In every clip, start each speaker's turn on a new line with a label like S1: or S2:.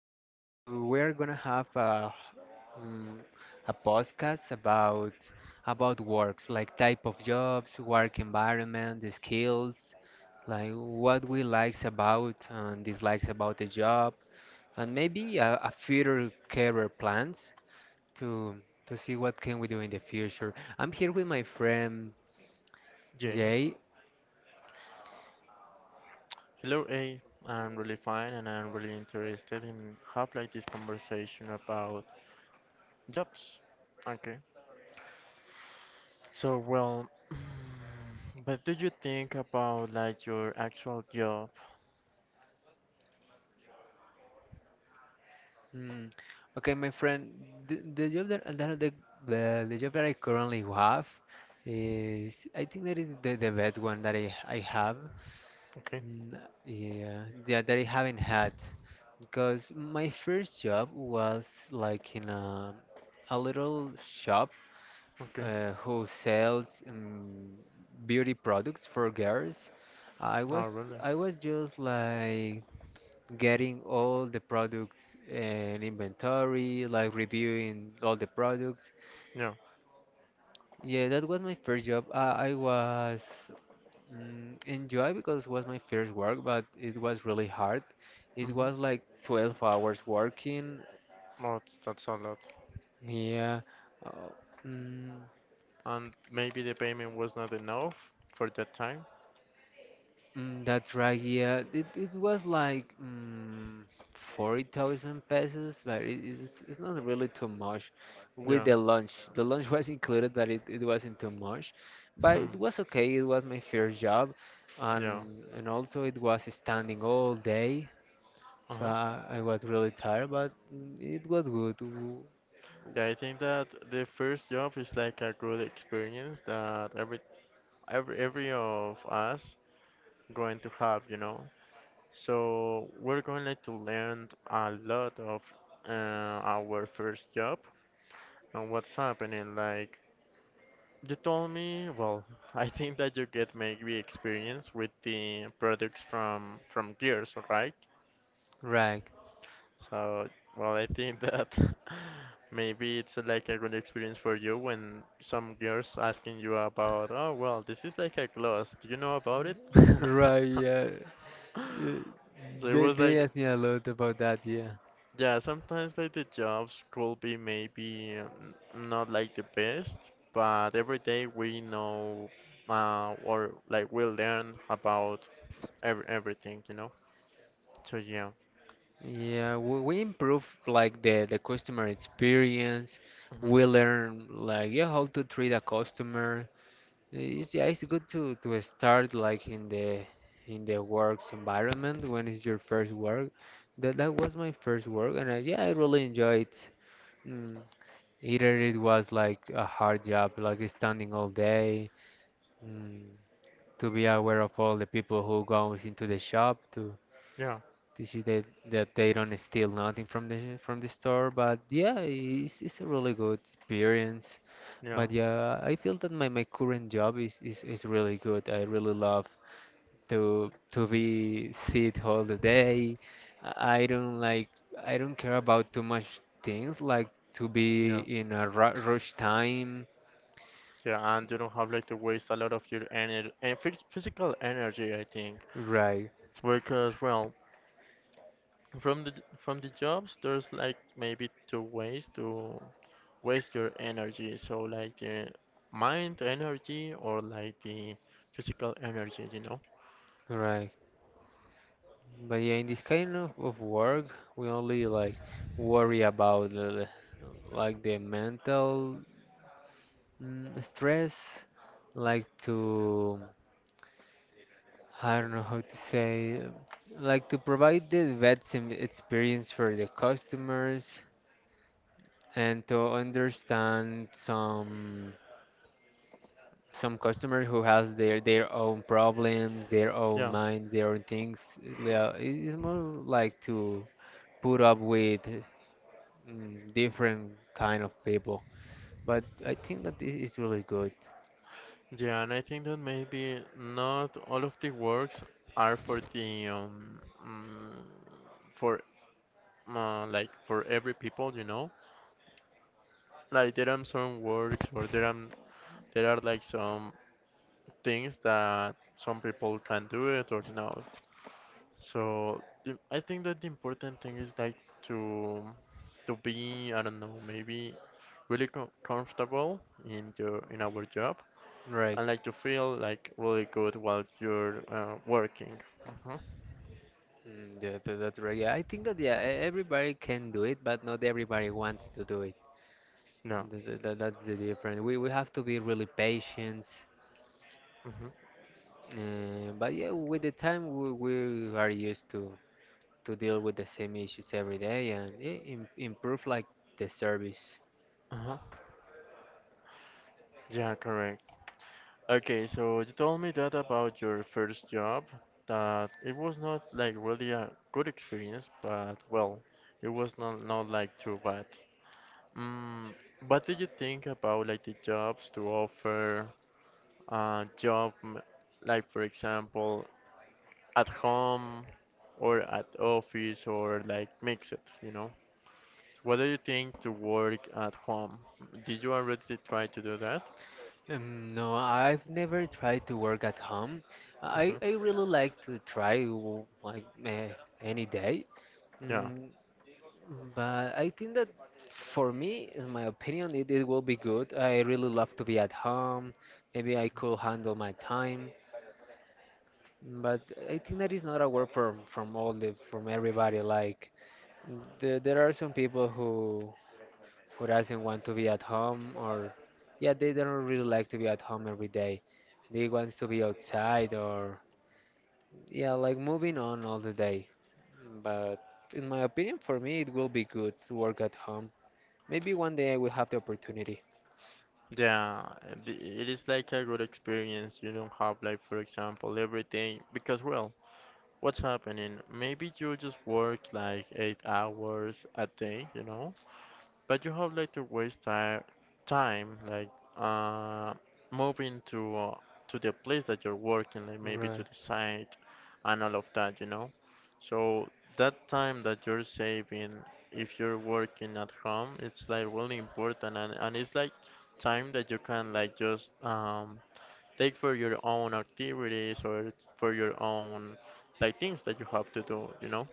S1: guys. We're gonna have um, a podcast about works, like type of jobs, work environment, the skills, like what we likes about and dislikes about the job, and maybe a future career plans to to see what can we do in the future. I'm here with my friend
S2: Jay.
S1: Jay.
S2: Hello, A. I'm really fine and I'm really interested in have like this conversation about jobs. Okay. So, well, what do you think about like your actual job?
S1: Mm. Okay, my friend, the job that the job that I currently have is I think that is the best one that I have.
S2: Okay.
S1: Mm, yeah, yeah, that I haven't had because my first job was like in a little shop
S2: Okay.
S1: who sells beauty products for girls. I
S2: Oh,
S1: was
S2: really?
S1: I was just like getting all the products and inventory, like reviewing all the products.
S2: Yeah.
S1: Yeah, that was my first job. I was enjoy because it was my first work, but it was really hard. It
S2: Mm-hmm.
S1: was like 12 hours working.
S2: Well, that's a lot.
S1: Yeah. Uh, mm,
S2: And maybe the payment was not enough for that time?
S1: That's right, yeah. It was like 40,000 pesos, but it's not really too much with
S2: Yeah.
S1: the lunch. The lunch was included, but it wasn't too much. But
S2: Hmm.
S1: it was okay, it was my first job,
S2: Yeah.
S1: and also it was standing all day, so
S2: Uh-huh.
S1: I was really tired, but it was good.
S2: Yeah, I think that the first job is like a good experience that every of us going to have, you know. So we're going like to learn a lot of uh, our first job and what's happening. Like you told me, well, I think that you get maybe experience with the products from Gears, right?
S1: Right,
S2: So well, I think that maybe it's like a good experience for you when some girls asking you about, oh well, this is like a gloss. Do you know about it?
S1: right, yeah. Yeah.
S2: So it
S1: They,
S2: was
S1: they
S2: like.
S1: asked me a lot about that. Yeah.
S2: Yeah, sometimes like the jobs could be maybe not like the best, but every day we know, or like we learn about everything. So yeah.
S1: Yeah, we improve like the customer experience.
S2: Hmm.
S1: We learn like, yeah, how to treat a customer. It's, yeah, it's good to start like in the works environment when it's your first work. That was my first work, and I, yeah, I really enjoyed. Mm, Either it was like a hard job, like standing all day, mm, to be aware of all the people who goes into the shop to
S2: Yeah,
S1: to see that they don't steal nothing from the store. But yeah, it's a really good experience.
S2: yeah,
S1: But yeah, I feel that my current job is really good. I really love to be sit all the day. I don't like. I don't care about too much things like to be
S2: yeah,
S1: in a ru rush time.
S2: yeah. And you don't have like to waste a lot of your energy and physical energy, I think,
S1: Right,
S2: because well, from the from the jobs, there's like maybe two ways to waste your energy. So like the mind energy or like the physical energy?
S1: right. But yeah, in this kind of work, we only like worry about the, like the mental, stress, like to, I don't know how to say, like to provide the best experience for the customers and to understand some customers who has their own problems, their own
S2: Yeah.
S1: minds, their own things. Yeah, it's more like to put up with different kind of people. But I think that this is really good,
S2: Yeah, and I think that maybe not all of the works are mm, for like for every people? Like there are some works, or there are like some things that some people can do it or not. So the— I think that the important thing is like to to be, I don't know, maybe really comfortable in your in our job
S1: right?
S2: and like to feel like really good while you're working. Hmm.
S1: Mm, yeah, that's right. Yeah, I think that, yeah, everybody can do it, but not everybody wants to do it.
S2: No.
S1: That's the difference. We have to be really patient.
S2: Hmm.
S1: But yeah, with the time we are used to deal with the same issues every day and, yeah, im improve like the service.
S2: Uh-huh. Yeah, correct. Okay, so you told me that about your first job, that it was not like really a good experience, but well, it was not like too bad. Mm, what do you think about like the jobs to offer uh job m- like for example at home or at office or like mix it? What do you think to work at home? Did you already try to do that?
S1: No, I've never tried to work at home. I
S2: Hmm.
S1: I really like to try like any day.
S2: Yeah.
S1: Mm, But I think that for me, in my opinion, it will be good. I really love to be at home. Maybe I could handle my time, but I think that is not a word from everybody. Like there are some people who doesn't want to be at home, or, yeah, they don't really like to be at home every day. They wants to be outside, or, yeah, like moving on all the day. But in my opinion, for me, it will be good to work at home. Maybe one day I will have the opportunity.
S2: Yeah, it is like a good experience. You don't have like, for example, every day because well, what's happening? Maybe you just work like 8 hours a day, you know? But you have like to waste time like uh, moving to the place that you're working, like maybe to
S1: Right,
S2: the site and all of that, you know. So that time that you're saving, if you're working at home, it's like really important, and it's like time that you can like just take for your own activities or for your own like things that you have to do, you know.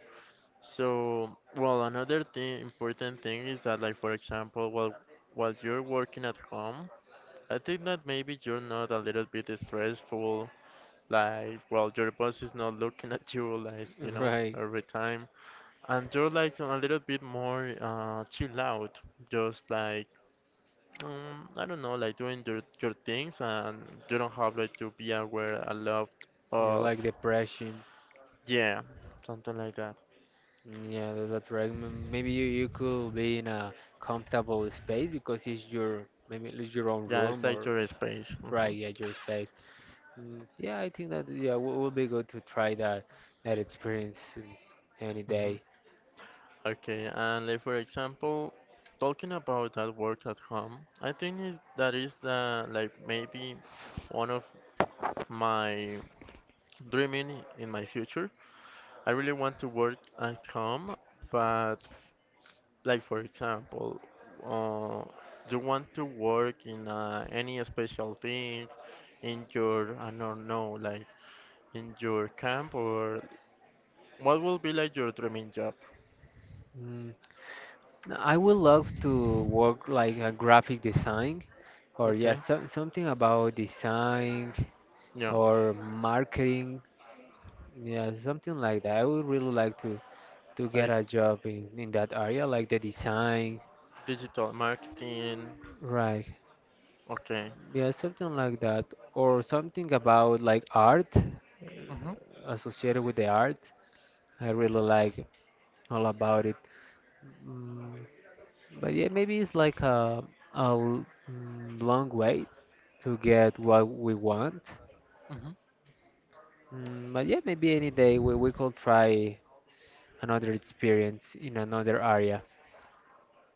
S2: So, well, another thing, important thing is that, like, for example, while you're working at home, I think that maybe you're not a little bit stressful, like, well, your boss is not looking at you, like, you know,
S1: right.
S2: every time, and you're like a little bit more chill out, just like, I don't know, like doing your things, and you don't have like to be aware a lot
S1: You know,
S2: of,
S1: like depression.
S2: yeah, something like that.
S1: Mm, yeah, that's right. Maybe you could be in a comfortable space because it's your maybe it's your own
S2: Yeah, it's
S1: room, or
S2: like your space.
S1: right, yeah, your space. Mm, yeah, I think that, yeah, w will be good to try that experience, any day.
S2: hmm Okay, and like for example, talking about that work at home, I think is that is the like maybe one of my dreaming in my future. I really want to work at home, but like for example, uh, you want to work in any special thing in your, I don't know, like in your camp, or what will be like your dreaming job?
S1: Mm, no, I would love to work like a graphic design, or, yeah,
S2: Okay,
S1: so, something about design
S2: yeah,
S1: or marketing. Yeah, something like that. I would really like to get
S2: like
S1: a job in that area, like the design,
S2: digital marketing.
S1: right?
S2: Okay.
S1: Yeah, something like that, or something about like art,
S2: Hmm.
S1: associated with the art. I really like all about it. Mm, but yeah, maybe it's like a long way to get what we want.
S2: Hmm.
S1: But yeah, maybe any day we could try another experience in another area.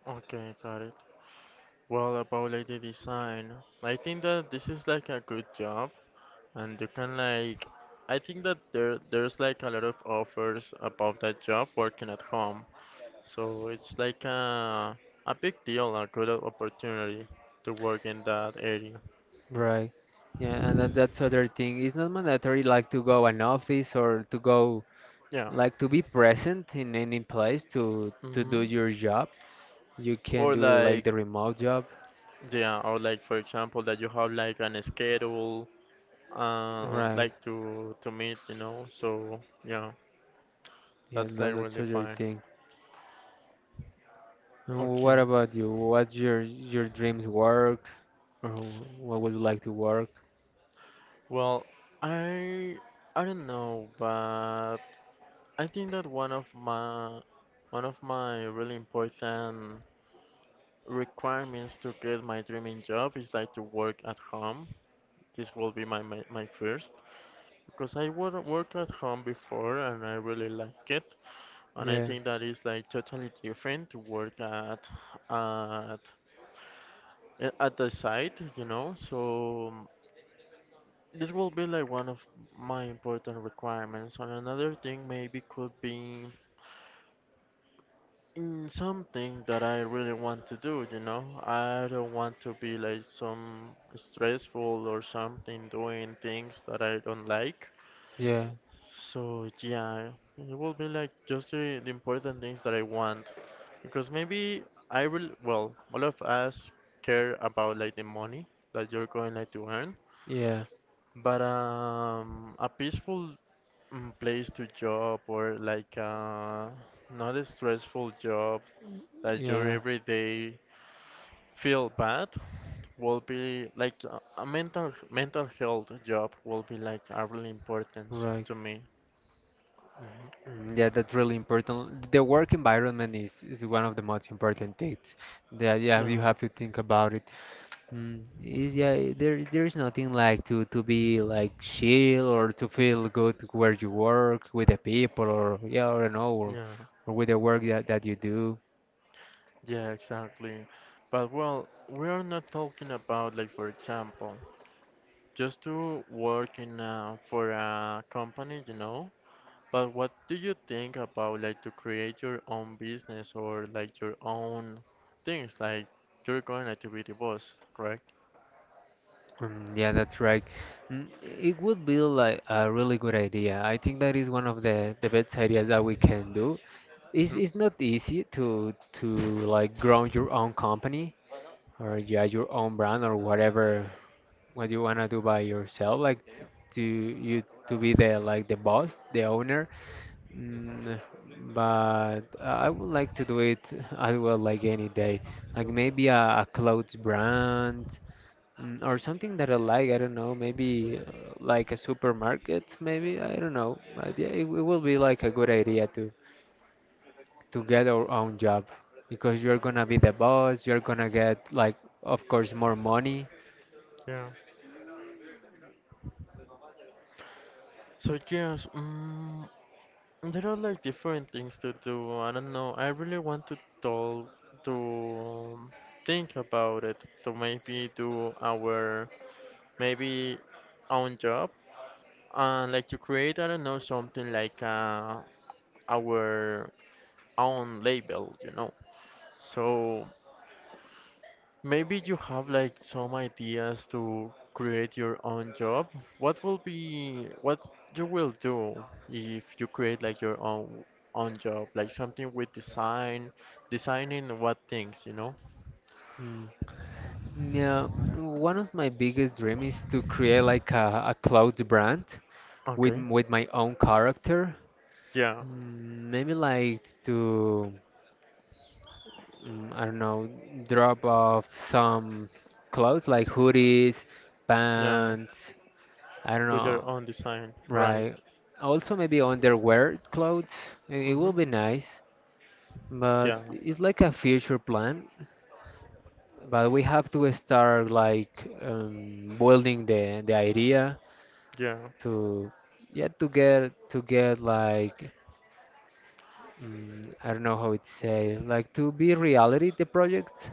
S2: Okay, got it. Well, about like the design, I think that this is like a good job, and you can like, I think that there's like a lot of offers about that job working at home, so it's like a big deal, a good opportunity to work in that area.
S1: Right. Yeah, and that's other thing. It's not mandatory like to go an office or to go
S2: Yeah.
S1: like to be present in any place to do
S2: Hmm.
S1: your job. You can
S2: Or
S1: do like
S2: like,
S1: the remote job.
S2: yeah, or like for example that you have like an schedule,
S1: Right.
S2: like to meet, you know. So yeah,
S1: Yeah,
S2: that's like
S1: that's
S2: really
S1: other
S2: fine.
S1: thing. And
S2: Okay.
S1: what about you? What's your dreams work, or what would you like to work?
S2: Well, I I don't know, but I think that one of my really important requirements to get my dreaming job is like to work at home. This will be my first because I worked at home before and I really like it, and I
S1: Yeah.
S2: think that is like totally different to work at at the site, you know. So this will be like one of my important requirements, and another thing maybe could be in something that I really want to do, you know? I don't want to be like some stressful or something doing things that I don't like.
S1: Yeah.
S2: So yeah, it will be like just the important things that I want because maybe I will, well, all of us care about like the money that you're going like to earn,
S1: Yeah.
S2: but a peaceful place to job, or like not a stressful job that you
S1: Yeah.
S2: every day feel bad, will be like a mental health job will be like a really importance
S1: Right.
S2: to me. Mhm.
S1: Mm, yeah, that's really important. The work environment is one of the most important things that, yeah, you
S2: Yeah,
S1: have to think about it. Mm, is yeah, eh, there's nothing like to be like chill or to feel good where you work with the people, or yeah, or no, or,
S2: yeah,
S1: or with the work that you do.
S2: yeah, exactly. But well, we are not talking about like, for example, just to work in for a company, you know, but what do you think about like to create your own business, or like your own things? Like you're going like to be the boss, correct?
S1: Mm, yeah, that's right. It would be like a really good idea. I think that is one of the best ideas that we can do. It's
S2: Hmm.
S1: it's not easy to like grow your own company, or, yeah, your own brand, or whatever what you wanna do by yourself, like to you to be the, like, the boss, the owner. Mm, but I would like to do it as well, like any day, like maybe a clothes brand, or something that I like. I don't know, maybe like a supermarket, maybe I don't know. But yeah, it will be like a good idea to get our own job because you're gonna be the boss. You're gonna get, like, of course, more money.
S2: Yeah. So yes, there are like different things to do. I don't know. I really want to tell to, think about it, to maybe do our, maybe own job, and like to create, I don't know, something like our own label, you know. So maybe you have like some ideas to create your own job. What will be what you will do if you create like your own job, like something with design, designing what things, you know?
S1: Mm, yeah, one of my biggest dreams is to create like a clothes brand with
S2: Okay.
S1: m- with my own character.
S2: Yeah,
S1: Maybe like to I don't know, drop off some clothes like hoodies,
S2: yeah.
S1: pants, I don't
S2: With your
S1: know,
S2: own design, right?
S1: right? Also maybe underwear clothes. It will
S2: Mhm.
S1: be nice,
S2: Yeah,
S1: but it's like a future plan. But we have to start like building the idea
S2: yeah.
S1: to, yeah, to get like, I don't know how it say, like to be reality the project.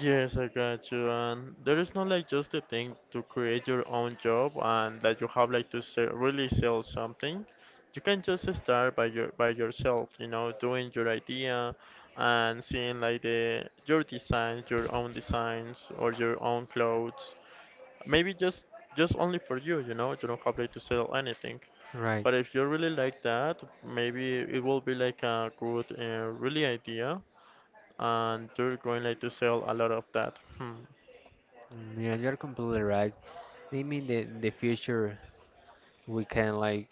S2: Yes, I got you. And there is not like just the thing to create your own job and that you have like to sell, really sell something. You can just start by yourself, you know, doing your idea and seeing like the your designs, your own designs or your own clothes. Maybe just only for you, you know, you don't have like to sell anything.
S1: Right.
S2: But if you really like that, maybe it will be like a good, really idea, and you're going like to sell a lot of that. Hmm.
S1: Mm, yeah, you're completely right. I mean, the in the future we can like,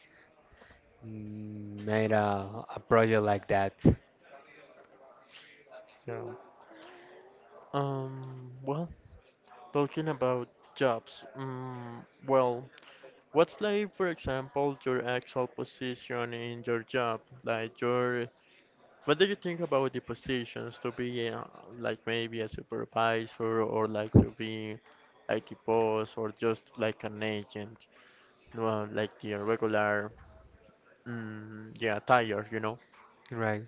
S1: make a project like that.
S2: Yeah. Well, talking about jobs, well, what's like, for example, your actual position in your job? Like your, what do you think about the positions to be like maybe a supervisor, or like to be like the boss, or just like an agent, well, like the regular, yeah, tire, you know?
S1: Right.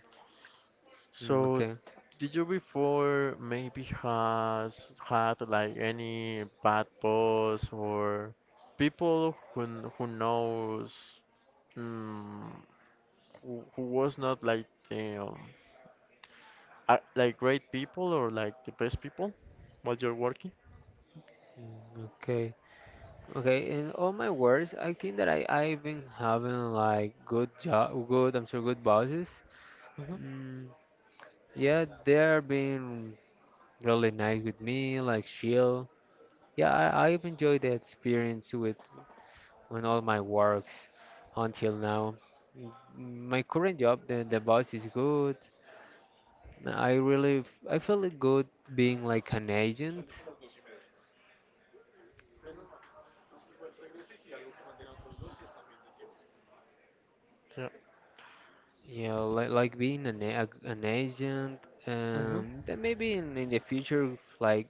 S1: Mm,
S2: So
S1: okay.
S2: did you before maybe has had like any bad boss or people who who knows, mm, who was not like the are, like great people or like the best people while you're working?
S1: Okay. Okay. In all my words, I think that I've been having like good job, good, I'm sure, good bosses.
S2: Hmm.
S1: Mm, yeah, they're being really nice with me, like chill. Yeah, I've enjoyed the experience with on all my works until now. Mm, My current job, the boss is good. I feel it good being like an agent.
S2: Yeah.
S1: You know, like being an an agent.
S2: Hmm.
S1: Then maybe in the future, like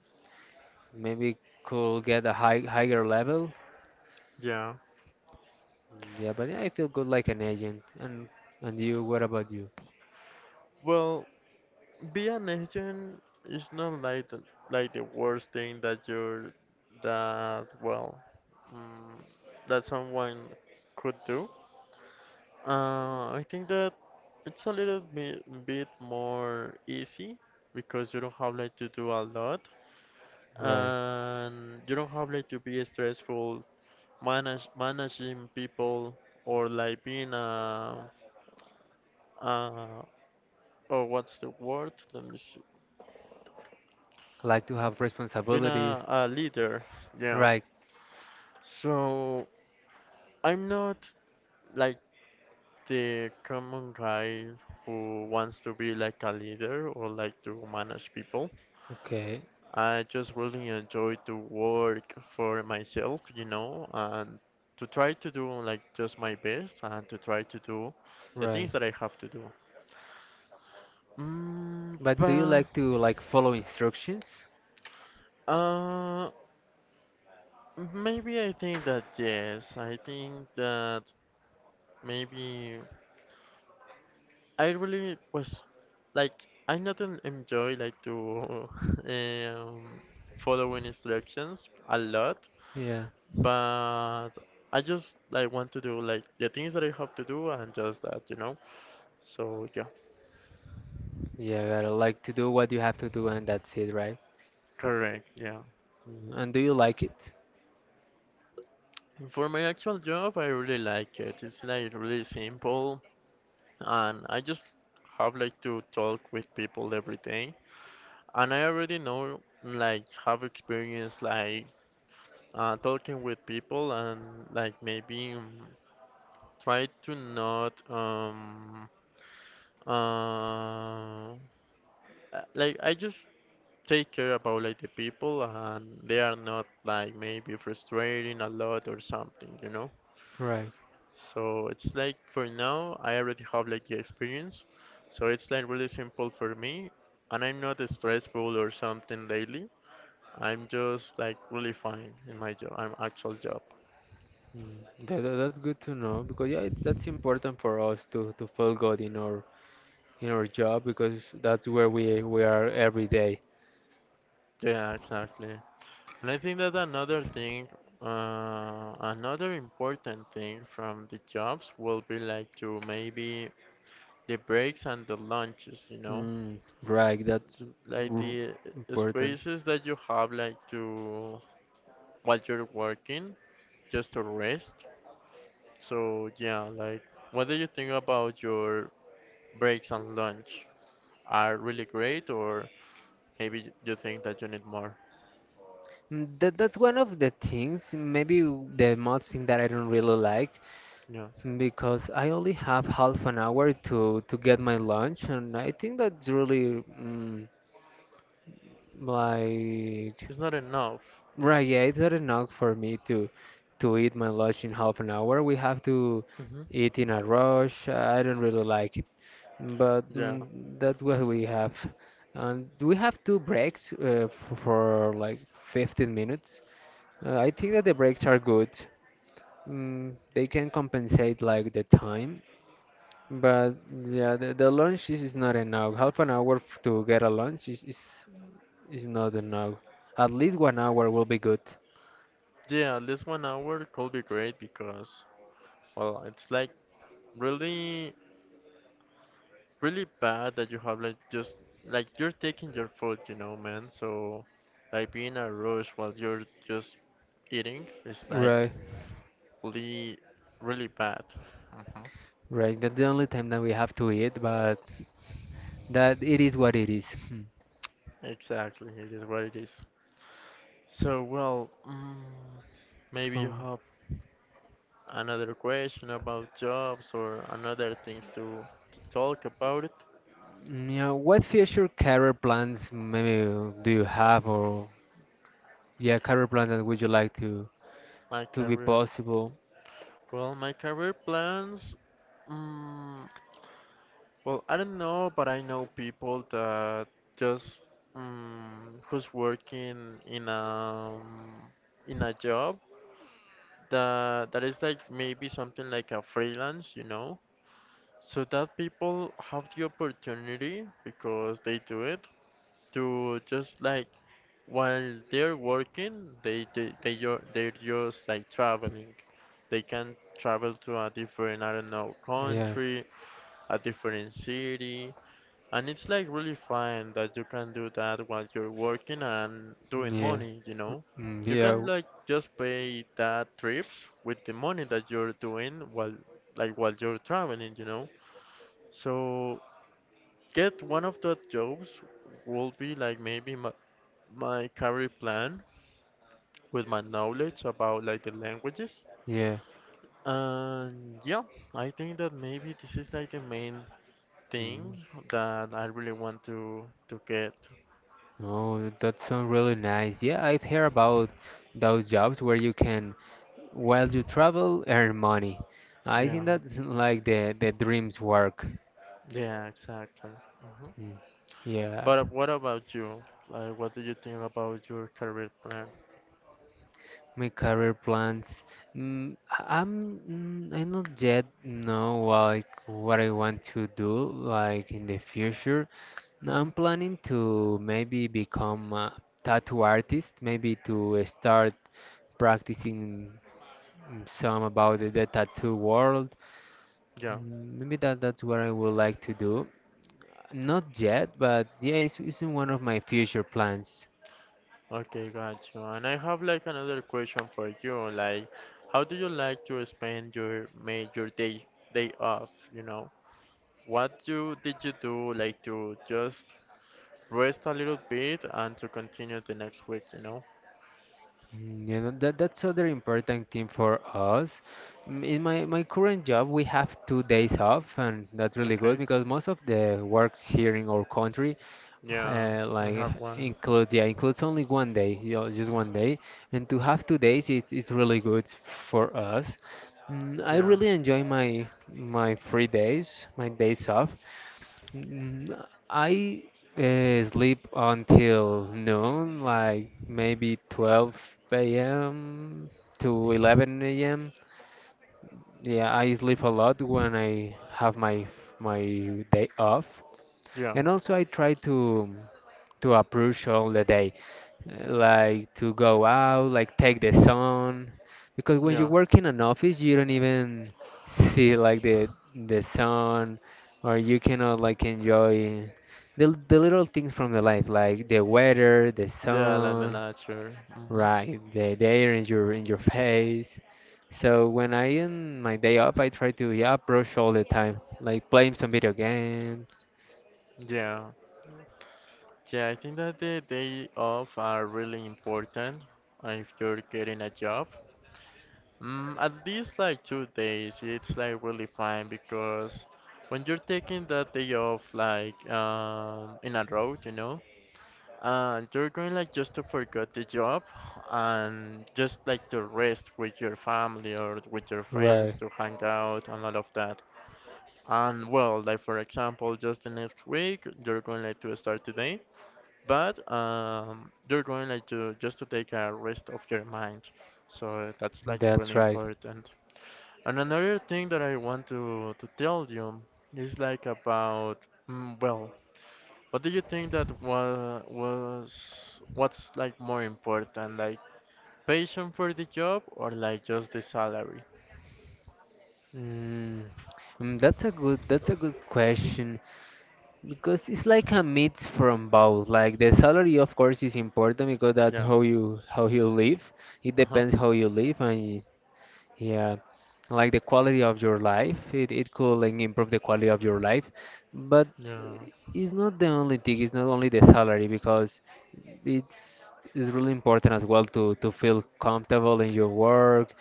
S1: maybe could get a higher level.
S2: Yeah.
S1: Yeah, but, yeah, I feel good like an agent. And you, what about you?
S2: Well, be an agent is not like the worst thing that you're that well, mm, that someone could do. I think that it's a little bit more easy because you don't have like to do a lot
S1: Right.
S2: and you don't have like to be stressful manage managing people, or like being a uh or what's the word? Let me see.
S1: Like to have
S2: Being a,
S1: responsibilities.
S2: a leader, yeah.
S1: Right.
S2: So I'm not like the common guy who wants to be like a leader or like to manage people.
S1: Okay.
S2: I just really enjoy to work for myself, you know, and to try to do like just my best and to try to do the things
S1: Right.
S2: that I have to do.
S1: But do you
S2: But
S1: like to like follow instructions?
S2: uh, maybe I think that yes, I think that maybe I really was like I not enjoy like to um, following instructions a lot,
S1: Yeah,
S2: but I just like want to do like the things that I have to do and just that, you know? So yeah,
S1: yeah, gotta like to do what you have to do, and that's it, right?
S2: correct, yeah.
S1: And do you like it?
S2: For my actual job, I really like it. It's like really simple and I just have like to talk with people every day. And I already know like have experience like talking with people and like maybe try to not uh like I just take care about like the people and they are not like maybe frustrating a lot or something, you know?
S1: Right.
S2: So it's like for now I already have like the experience. So it's like really simple for me, and I'm not stressful or something lately. I'm just like really fine in my job, I'm actual job.
S1: Mm. That's good to know because, yeah, that's important for us to feel good in our job because that's where we are every day.
S2: Yeah, exactly. And I think that another thing, another important thing from the jobs will be like to maybe the breaks and the lunches,
S1: Mm, right, that's
S2: Like
S1: r-
S2: the
S1: important.
S2: spaces that you have like to while you're working just to rest. So yeah, like what do you think about your breaks and lunch? Are really great or maybe you think that you need more?
S1: That's one of the things, maybe the most thing that I don't really like.
S2: Yeah.
S1: Because I only have half an hour to get my lunch, and I think that's really, like,
S2: It's not enough.
S1: right. Yeah, it's not enough for me to eat my lunch in half an hour. We have to
S2: hmm
S1: eat in a rush. I don't really like it, but,
S2: Yeah.
S1: that's what we have. And we have two breaks for like 15 minutes. I think that the breaks are good. They can compensate like the time. But yeah, the lunch is not enough. Half an hour to get a lunch is not enough. At least 1 hour will be good.
S2: Yeah, at least 1 hour could be great because, well, it's like really, really bad that you have like just like you're taking your food, you know, man. So like being a rush while you're just eating is like
S1: Right,
S2: really, really bad.
S1: right. That's the only time that we have to eat, but that it is what it is. Hmm.
S2: Exactly, it is what it is. So, well, maybe you
S1: Um,
S2: have another question about jobs or another things to talk about it.
S1: yeah, what future career plans maybe do you have, or, yeah, career plans that would you like to
S2: My
S1: to be
S2: career.
S1: possible?
S2: Well, my career plans. Mm, well, I don't know, but I know people that just who's working in a job that that is like maybe something like a freelance, you know, so that people have the opportunity because they do it to just like while they're working they're just like traveling. They can travel to a different, I don't know,
S1: Yeah,
S2: country, a different city. And it's like really fun that you can do that while you're working and doing
S1: yeah,
S2: money, you know.
S1: mm,
S2: You
S1: yeah,
S2: can like just pay that trips with the money that you're doing while, like while you're traveling, you know. So get one of the jobs would be like maybe my, my career plan with my knowledge about like the languages.
S1: yeah.
S2: And yeah, I think that maybe this is like the main
S1: Mm.
S2: thing that I really want to get.
S1: Oh, that sounds really nice. Yeah, I've heard about those jobs where you can, while you travel, earn money. I think
S2: Yeah,
S1: that's like the dreams work.
S2: yeah, exactly. hmm
S1: Mm, yeah,
S2: But what about you? Like, what do you think about your career plan?
S1: my career plans. Mm, I- I'm I not yet know like what I want to do like in the future. I'm
S2: hmm
S1: planning to maybe become a tattoo artist, maybe to start practicing, some about the tattoo world.
S2: Yeah.
S1: Maybe that's what I would like to do. Not yet, but yeah, it's in one of my future plans.
S2: Okay, got you. And I have like another question for you. Like, how do you like to spend your ma your day day off? You know, what do did you do like to just rest a little bit and to continue the next week? You know?
S1: You know, that's other important thing for us. In my current job, we have 2 days off, and that's really good
S2: Okay.
S1: because most of the works here in our country,
S2: Yeah, I
S1: like
S2: have one.
S1: includes only one day, just 1 day, and to have 2 days is really good for us. I
S2: Yeah,
S1: really enjoy my free days, my days off. Mm, I sleep until noon, like maybe 12 a.m. to 11 a.m. Yeah, I sleep a lot when I have my day off,
S2: yeah,
S1: and also I try to approach all the day, like to go out, like take the sun. Because when you
S2: yeah,
S1: work in an office, you don't even see like the sun, or you cannot like enjoy the little things from the life, like the weather, the
S2: yeah. Like the
S1: sun,
S2: nature.
S1: right, the air in your face. So when I in my day off, I try to, yeah, brush all the time, like playing some video games.
S2: Yeah, yeah. I think that the day off are really important if you're getting a job. Mm, at least like 2 days, it's like really fine because when you're taking that day off, like in a row, you know, you're going like just to forget the job and just like to rest with your family or with your friends
S1: Right,
S2: to hang out and all of that. And well, like for example, just the next week, you're going like to start today, but you're going like to just to take a rest of your mind. So that's like
S1: that's
S2: really
S1: right.
S2: important. And another thing that I want to tell you is like about well, what do you think that wa was what's like more important, like passion for the job or like just the salary?
S1: Mm, that's a good question because it's like a mix from both. Like the salary, of course, is important because that's
S2: Yeah.
S1: how you live. It
S2: Uh-huh.
S1: depends how you live and, yeah, like the quality of your life. It could like improve the quality of your life, but
S2: Yeah.
S1: it's not the only thing. It's not only the salary because it's really important as well to feel comfortable in your work.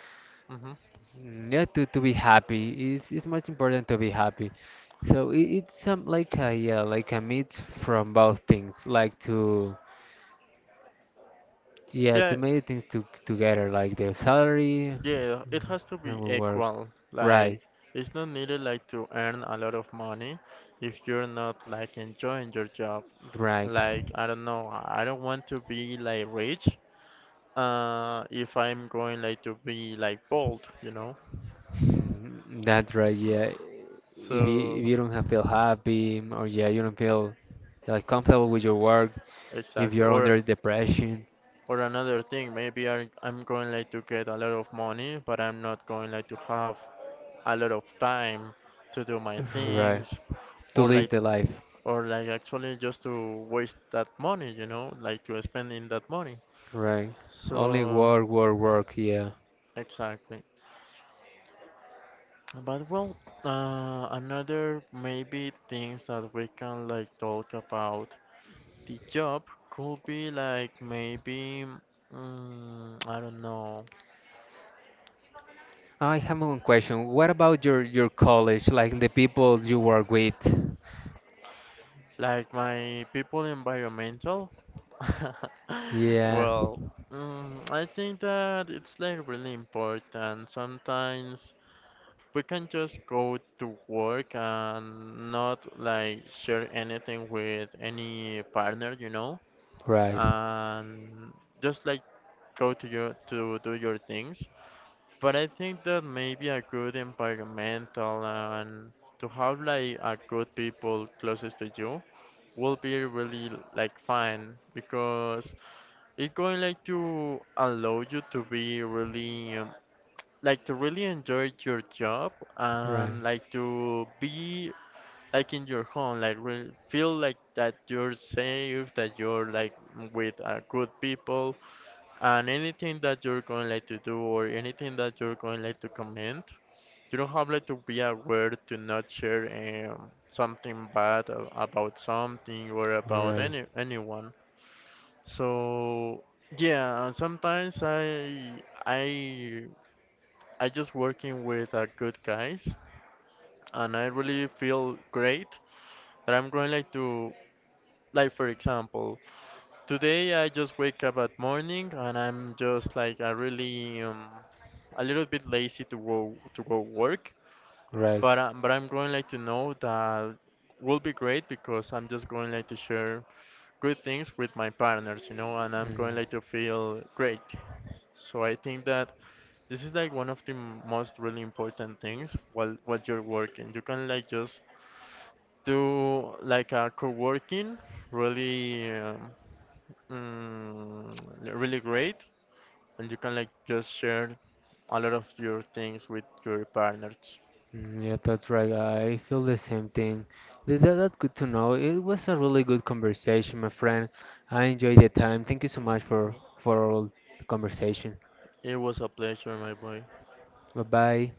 S2: Mm-hmm.
S1: Mm, yeah, to be happy. It's much important to be happy. So it's some like a, yeah, like a mix from both things. Like to, yeah, to
S2: Yeah,
S1: make things together, like the salary,
S2: yeah,
S1: mm,
S2: it has to
S1: and
S2: be
S1: we work.
S2: equal. Like
S1: Right,
S2: it's not needed like to earn a lot of money if you're not like enjoying your job.
S1: right.
S2: Like I don't know, I don't want to be like rich, if I'm going like to be like bold, you know.
S1: That's right. Yeah. If you, if
S2: So
S1: you don't have feel happy, or, yeah, you don't feel like comfortable with your work, if
S2: exactly.
S1: you're
S2: Or
S1: under depression,
S2: or another thing, maybe I'm going like to get a lot of money, but I'm not going like to have a lot of time to do my
S1: right.
S2: things
S1: To
S2: or
S1: live
S2: like,
S1: the life,
S2: or like actually just to waste that money, you know, like to spend in that money.
S1: right.
S2: So
S1: Only work, work, work. Yeah.
S2: exactly. But well, another maybe things that we can like talk about the job could be like maybe, I don't know,
S1: I have one question. What about your college, like the people you work with?
S2: like my people environmental.
S1: Yeah,
S2: Well, I think that it's like really important. Sometimes we can just go to work and not like share anything with any partner, you know,
S1: right,
S2: and just like go to your to do your things. But I think that maybe a good environmental and to have like a good people closest to you will be really like fine because it's going like to allow you to be really like to really enjoy your job
S1: right,
S2: and like to be like in your home like re feel like that you're safe, that you're like with good people, and anything that you're going like to do or anything that you're going like to comment you don't have like to be aware to not share something bad a- about something or about
S1: right,
S2: anyone. So yeah, and sometimes I just working with good guys, and I really feel great that I'm going like to, like for example today I just wake up at morning and I'm just like I really a little bit lazy to go work.
S1: right.
S2: But I'm going like to know that will be great because I'm just going like to share good things with my partners, you know, and I'm going
S1: Mm.
S2: like to feel great. So I think that this is like one of the m- most really important things while you're working. You can like just do like a co-working really really great, and you can like just share a lot of your things with your partners.
S1: Mm, yeah, that's right. I feel the same thing. That's good to know. It was a really good conversation, my friend. I enjoyed the time. Thank you so much for all the conversation.
S2: It was a pleasure, my boy.
S1: Bye bye.